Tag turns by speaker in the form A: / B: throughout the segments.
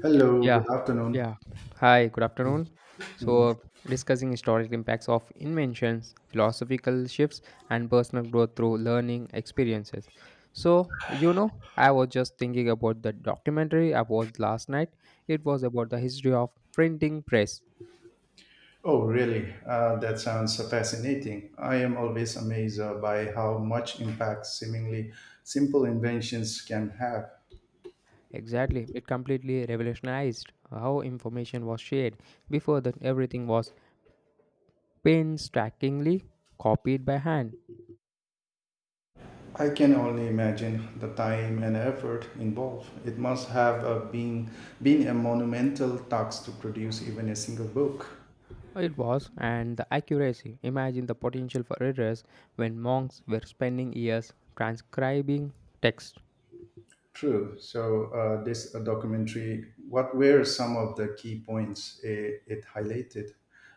A: Hello,
B: Yeah,
A: good afternoon.
B: yeah. Hi, good afternoon. So, discussing historical impacts of inventions, philosophical shifts, and personal growth through learning experiences. So, I was just thinking about the documentary I watched last night. It was about the history of printing press.
A: Oh, really? That sounds fascinating. I am always amazed by how much impact seemingly simple inventions can have.
B: Exactly, it completely revolutionized how information was shared. Before that, everything was painstakingly copied by hand.
A: I can only imagine the time and effort involved. It must have been a monumental task to produce even a single book.
B: It was, and the accuracy. Imagine the potential for errors when monks were spending years transcribing text.
A: True. So this documentary, what were some of the key points it highlighted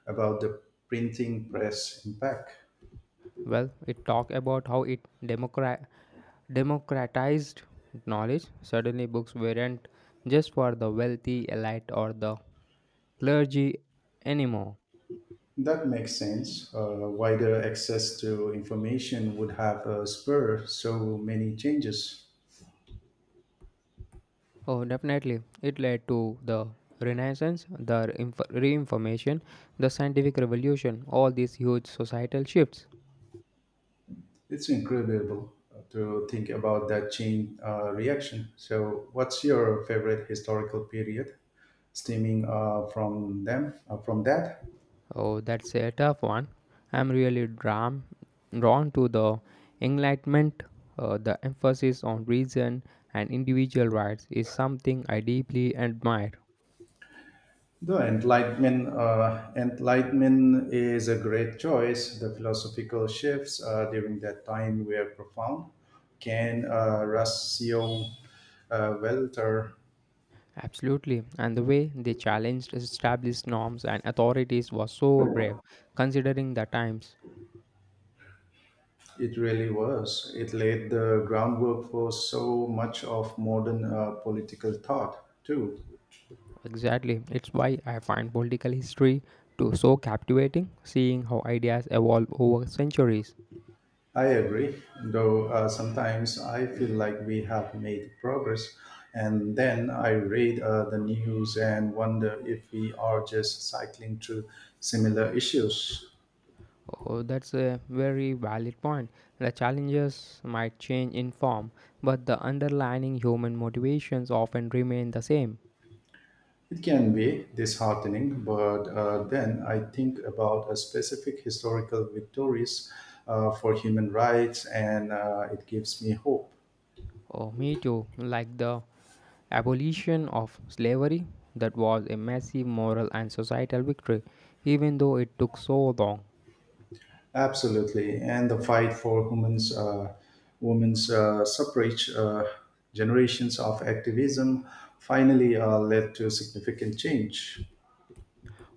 A: about the printing press impact?
B: Well, it talked about how it democratized knowledge. Suddenly, books weren't just for the wealthy elite or the clergy anymore.
A: That makes sense. Wider access to information would have spurred so many changes.
B: Oh, definitely. It led to the Renaissance, the reinformation, the scientific revolution, all these huge societal shifts.
A: It's incredible to think about that chain reaction. So, what's your favorite historical period stemming from that,
B: Oh, that's a tough one. I'm really drawn to the Enlightenment. The emphasis on reason and individual rights is something I deeply admire.
A: the Enlightenment. Enlightenment is a great choice. The philosophical shifts during that time were profound. Can Rossio Welter.
B: Absolutely, and the way they challenged established norms and authorities was so brave, considering the times.
A: It really was. It laid the groundwork for so much of modern political thought, too.
B: Exactly, it's why I find political history to so captivating, seeing how ideas evolve over centuries.
A: I agree, though sometimes I feel like we have made progress, and then I read the news and wonder if we are just cycling through similar issues.
B: Oh, that's a very valid point. The challenges might change in form, but the underlying human motivations often remain the same.
A: It can be disheartening, but then I think about a specific historical victories for human rights, and it gives me hope.
B: Oh, me too. Like the abolition of slavery, that was a massive moral and societal victory, even though it took so long.
A: Absolutely, and the fight for women's suffrage, generations of activism, finally led to significant change.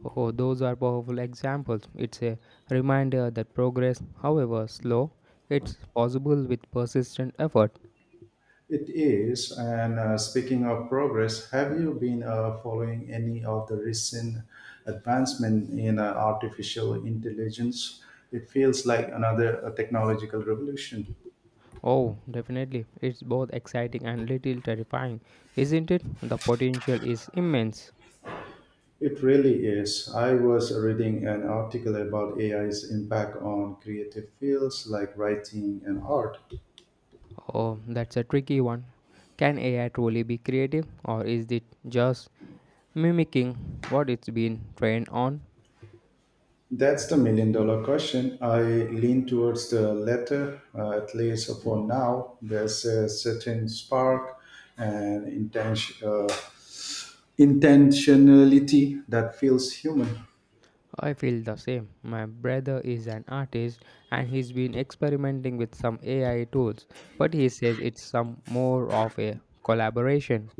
B: Oh, those are powerful examples. It's a reminder that progress, however slow, it's possible with persistent effort.
A: It is, and speaking of progress, have you been following any of the recent advancement in artificial intelligence? It feels like another technological revolution.
B: Oh, definitely. It's both exciting and little terrifying, isn't it? The potential is immense.
A: It really is. I was reading an article about AI's impact on creative fields like writing and art.
B: Oh, that's a tricky one. Can AI truly be creative, or is it just mimicking what it's been trained on?
A: That's the million-dollar question. I lean towards the latter, at least for now. There's a certain spark and intentionality that feels human.
B: I feel the same. My brother is an artist and he's been experimenting with some AI tools, but he says it's some more of a collaboration.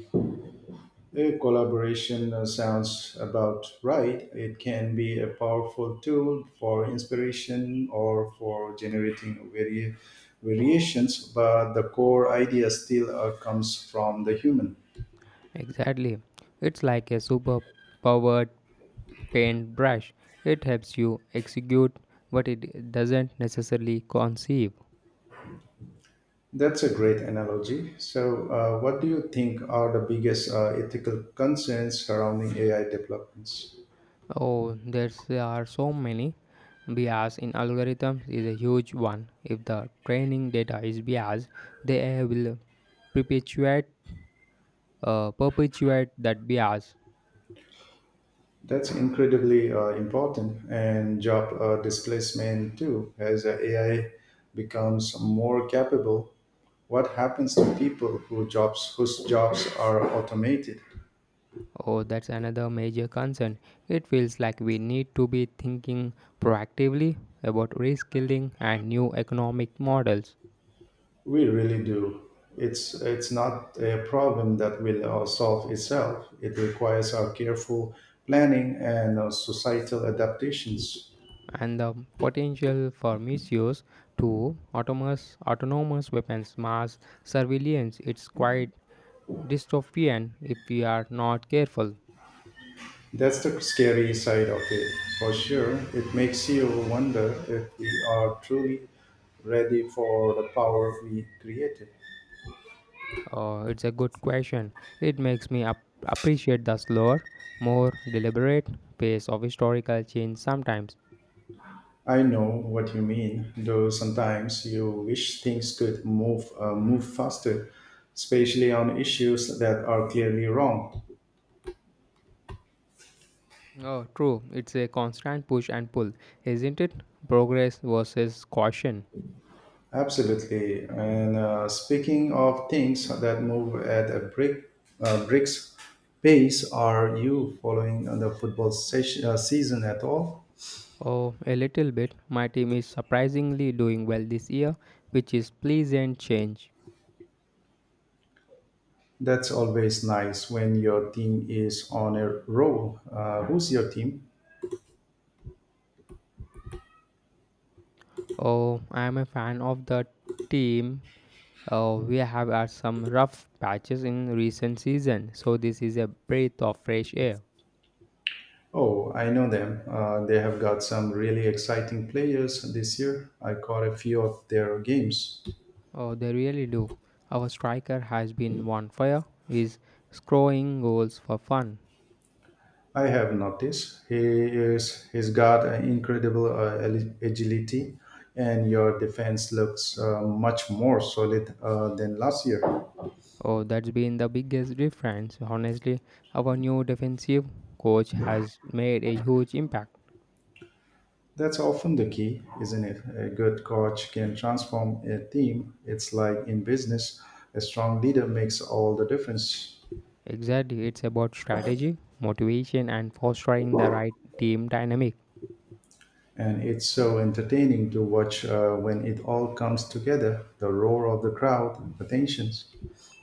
A: A collaboration sounds about right. It can be a powerful tool for inspiration or for generating variations, but the core idea still comes from the human.
B: Exactly. It's like a super powered paintbrush. It helps you execute, but it doesn't necessarily conceive.
A: That's a great analogy. So, what do you think are the biggest ethical concerns surrounding AI developments?
B: Oh, there are so many. Bias in algorithms is a huge one. If the training data is biased, they will perpetuate perpetuate that bias.
A: That's incredibly important, and job displacement too. As AI becomes more capable, what happens to people whose jobs are automated?
B: Oh, that's another major concern. It feels like we need to be thinking proactively about reskilling and new economic models.
A: We really do. It's not a problem that will solve itself. It requires our careful planning and societal adaptations.
B: And the potential for misuse to autonomous weapons, mass surveillance. It's quite dystopian if we are not careful.
A: That's the scary side of it, for sure. It makes you wonder if we are truly ready for the power we created.
B: It's a good question. It makes me appreciate the slower, more deliberate pace of historical change sometimes.
A: I know what you mean, though sometimes you wish things could move faster, especially on issues that are clearly wrong.
B: Oh, true. It's a constant push and pull, isn't it? Progress versus caution.
A: Absolutely. And speaking of things that move at a brick's pace, are you following the football season at all?
B: Oh, a little bit. My team is surprisingly doing well this year, which is pleasant change.
A: That's always nice when your team is on a roll. Who's your team?
B: Oh, I'm a fan of the team. We have had some rough patches in recent season, so this is a breath of fresh air.
A: Oh, I know them. They have got some really exciting players this year. I caught a few of their games.
B: Oh, they really do. Our striker has been on fire. He's scoring goals for fun.
A: I have noticed he's got an incredible agility, and your defense looks much more solid than last year.
B: Oh, that's been the biggest difference. Honestly, our new defensive coach has made a huge impact.
A: That's often the key, isn't it? A good coach can transform a team. It's like in business, a strong leader makes all the difference.
B: Exactly, it's about strategy, motivation, and fostering the right team dynamic.
A: And it's so entertaining to watch when it all comes together, the roar of the crowd, the tensions.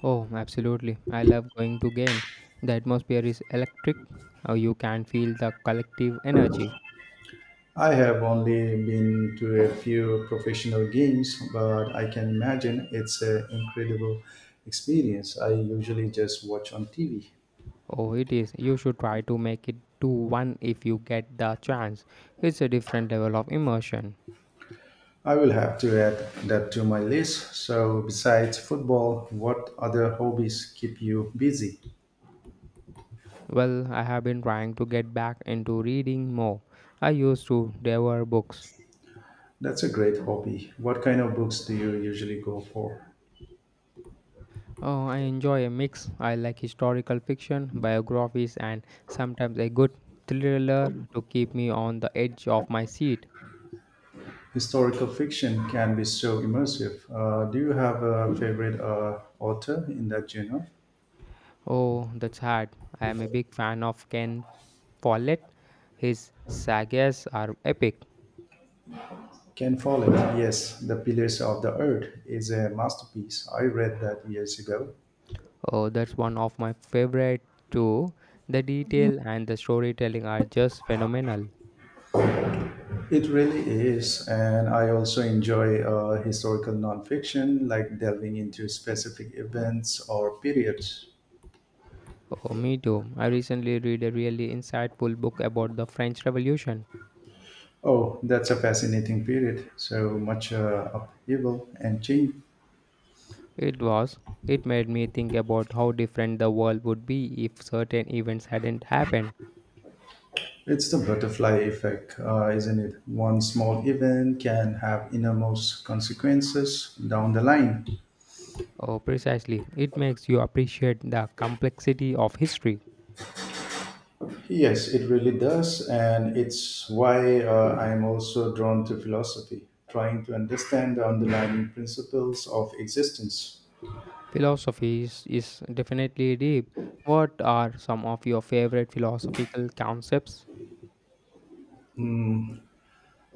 B: Oh, absolutely. I love going to games. The atmosphere is electric. You can feel the collective energy.
A: I have only been to a few professional games, but I can imagine it's an incredible experience. I usually just watch on TV.
B: Oh, it is. You should try to make it to one if you get the chance. It's a different level of immersion.
A: I will have to add that to my list. So, besides football, what other hobbies keep you busy?
B: Well, I have been trying to get back into reading more. I used to devour books.
A: That's a great hobby. What kind of books do you usually go for?
B: Oh, I enjoy a mix. I like historical fiction, biographies, and sometimes a good thriller to keep me on the edge of my seat.
A: Historical fiction can be so immersive. Do you have a favorite author in that genre?
B: Oh, that's hard. I am a big fan of Ken Follett. His sagas are epic.
A: Ken Follett, yes, The Pillars of the Earth is a masterpiece. I read that years ago.
B: Oh, that's one of my favorite too. The detail and the storytelling are just phenomenal.
A: It really is. And I also enjoy historical nonfiction, like delving into specific events or periods.
B: Oh, me too. I recently read a really insightful book about the French Revolution.
A: Oh, that's a fascinating period. So much upheaval and change.
B: It was. It made me think about how different the world would be if certain events hadn't happened.
A: It's the butterfly effect, isn't it? One small event can have enormous consequences down the line.
B: Oh, precisely. It makes you appreciate the complexity of history.
A: Yes, it really does. And it's why I'm also drawn to philosophy, trying to understand the underlying principles of existence.
B: Philosophy is definitely deep. What are some of your favorite philosophical concepts?
A: Hmm.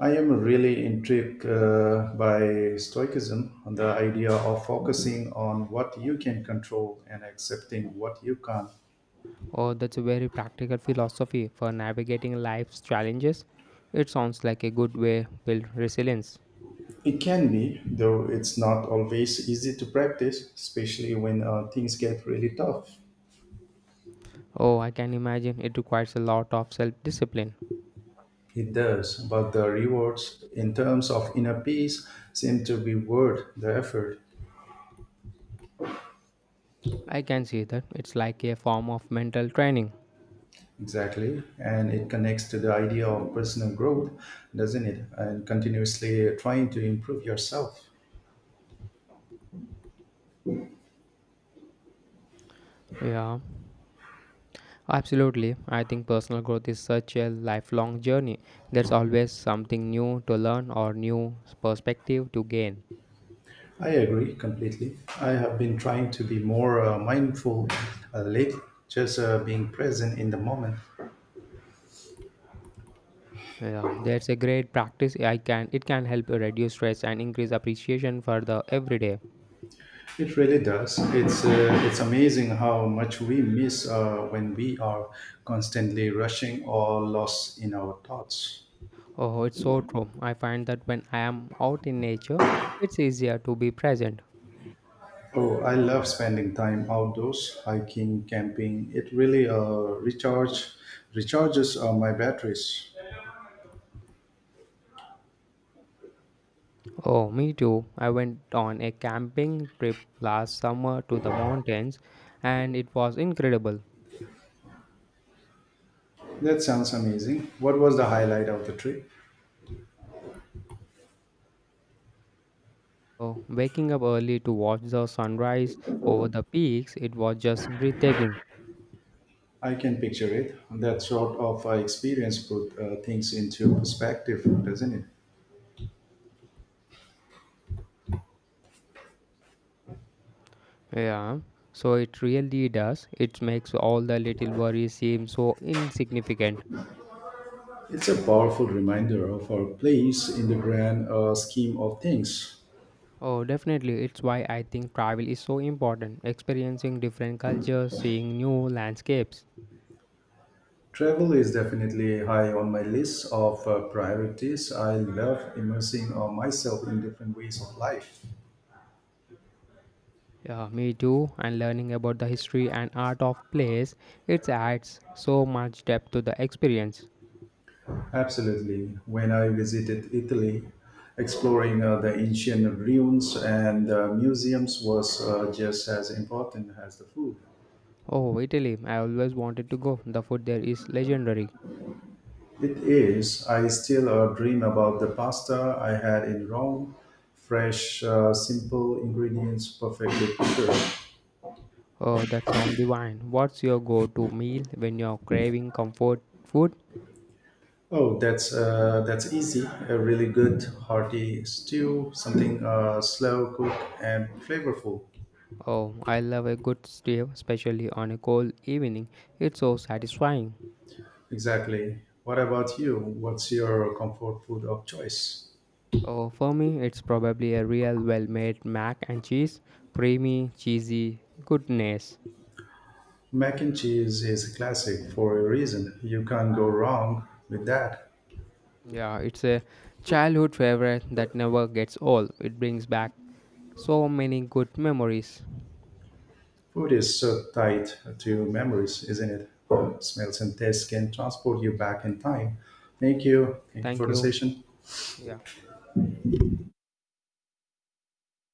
A: I am really intrigued by Stoicism and the idea of focusing on what you can control and accepting what you can't.
B: Oh, that's a very practical philosophy for navigating life's challenges. It sounds like a good way build resilience.
A: It can be, though it's not always easy to practice, especially when things get really tough.
B: Oh, I can imagine it requires a lot of self-discipline.
A: It does, but the rewards in terms of inner peace seem to be worth the effort.
B: I can see that it's like a form of mental training.
A: Exactly, and it connects to the idea of personal growth, doesn't it? And continuously trying to improve yourself.
B: Yeah, absolutely. I think personal growth is such a lifelong journey. There's always something new to learn or new perspective to gain.
A: I agree completely. I have been trying to be more mindful lately, just being present in the moment.
B: Yeah, that's a great practice. I can it can help reduce stress and increase appreciation for the everyday.
A: It really does. It's amazing how much we miss when we are constantly rushing or lost in our thoughts.
B: Oh, it's so true. I find that when I am out in nature, it's easier to be present.
A: Oh, I love spending time outdoors, hiking, camping. It really recharges my batteries.
B: Oh, me too. I went on a camping trip last summer to the mountains and it was incredible.
A: That sounds amazing. What was the highlight of the trip?
B: Oh, waking up early to watch the sunrise over the peaks, it was just breathtaking.
A: I can picture it. That sort of experience put things into perspective, doesn't it?
B: Yeah. So it really does. It makes all the little worries seem so insignificant.
A: It's a powerful reminder of our place in the grand scheme of things.
B: Oh, definitely. It's why I think travel is so important. Experiencing different cultures, seeing new landscapes.
A: Travel is definitely high on my list of priorities. I love immersing myself in different ways of life.
B: Yeah, me too. And learning about the history and art of place, it adds so much depth to the experience.
A: Absolutely. When I visited Italy, exploring the ancient ruins and museums was just as important as the food.
B: Oh, Italy. I always wanted to go. The food there is legendary.
A: It is. I still dream about the pasta I had in Rome. Fresh, simple ingredients, perfectly prepared.
B: Oh, that sounds divine. What's your go-to meal when you're craving comfort food?
A: Oh, that's easy. A really good hearty stew, something slow cooked and flavorful.
B: Oh, I love a good stew, especially on a cold evening. It's so satisfying.
A: Exactly. What about you? What's your comfort food of choice?
B: Oh, for me, it's probably a real well made mac and cheese. Creamy, cheesy, goodness.
A: Mac and cheese is a classic for a reason. You can't go wrong with that.
B: Yeah, it's a childhood favorite that never gets old. It brings back so many good memories.
A: Food is so tied to memories, isn't it? Smells and tastes can transport you back in time. Thank you. Thank you
B: Thank
A: for the
B: you.
A: session.
B: Yeah.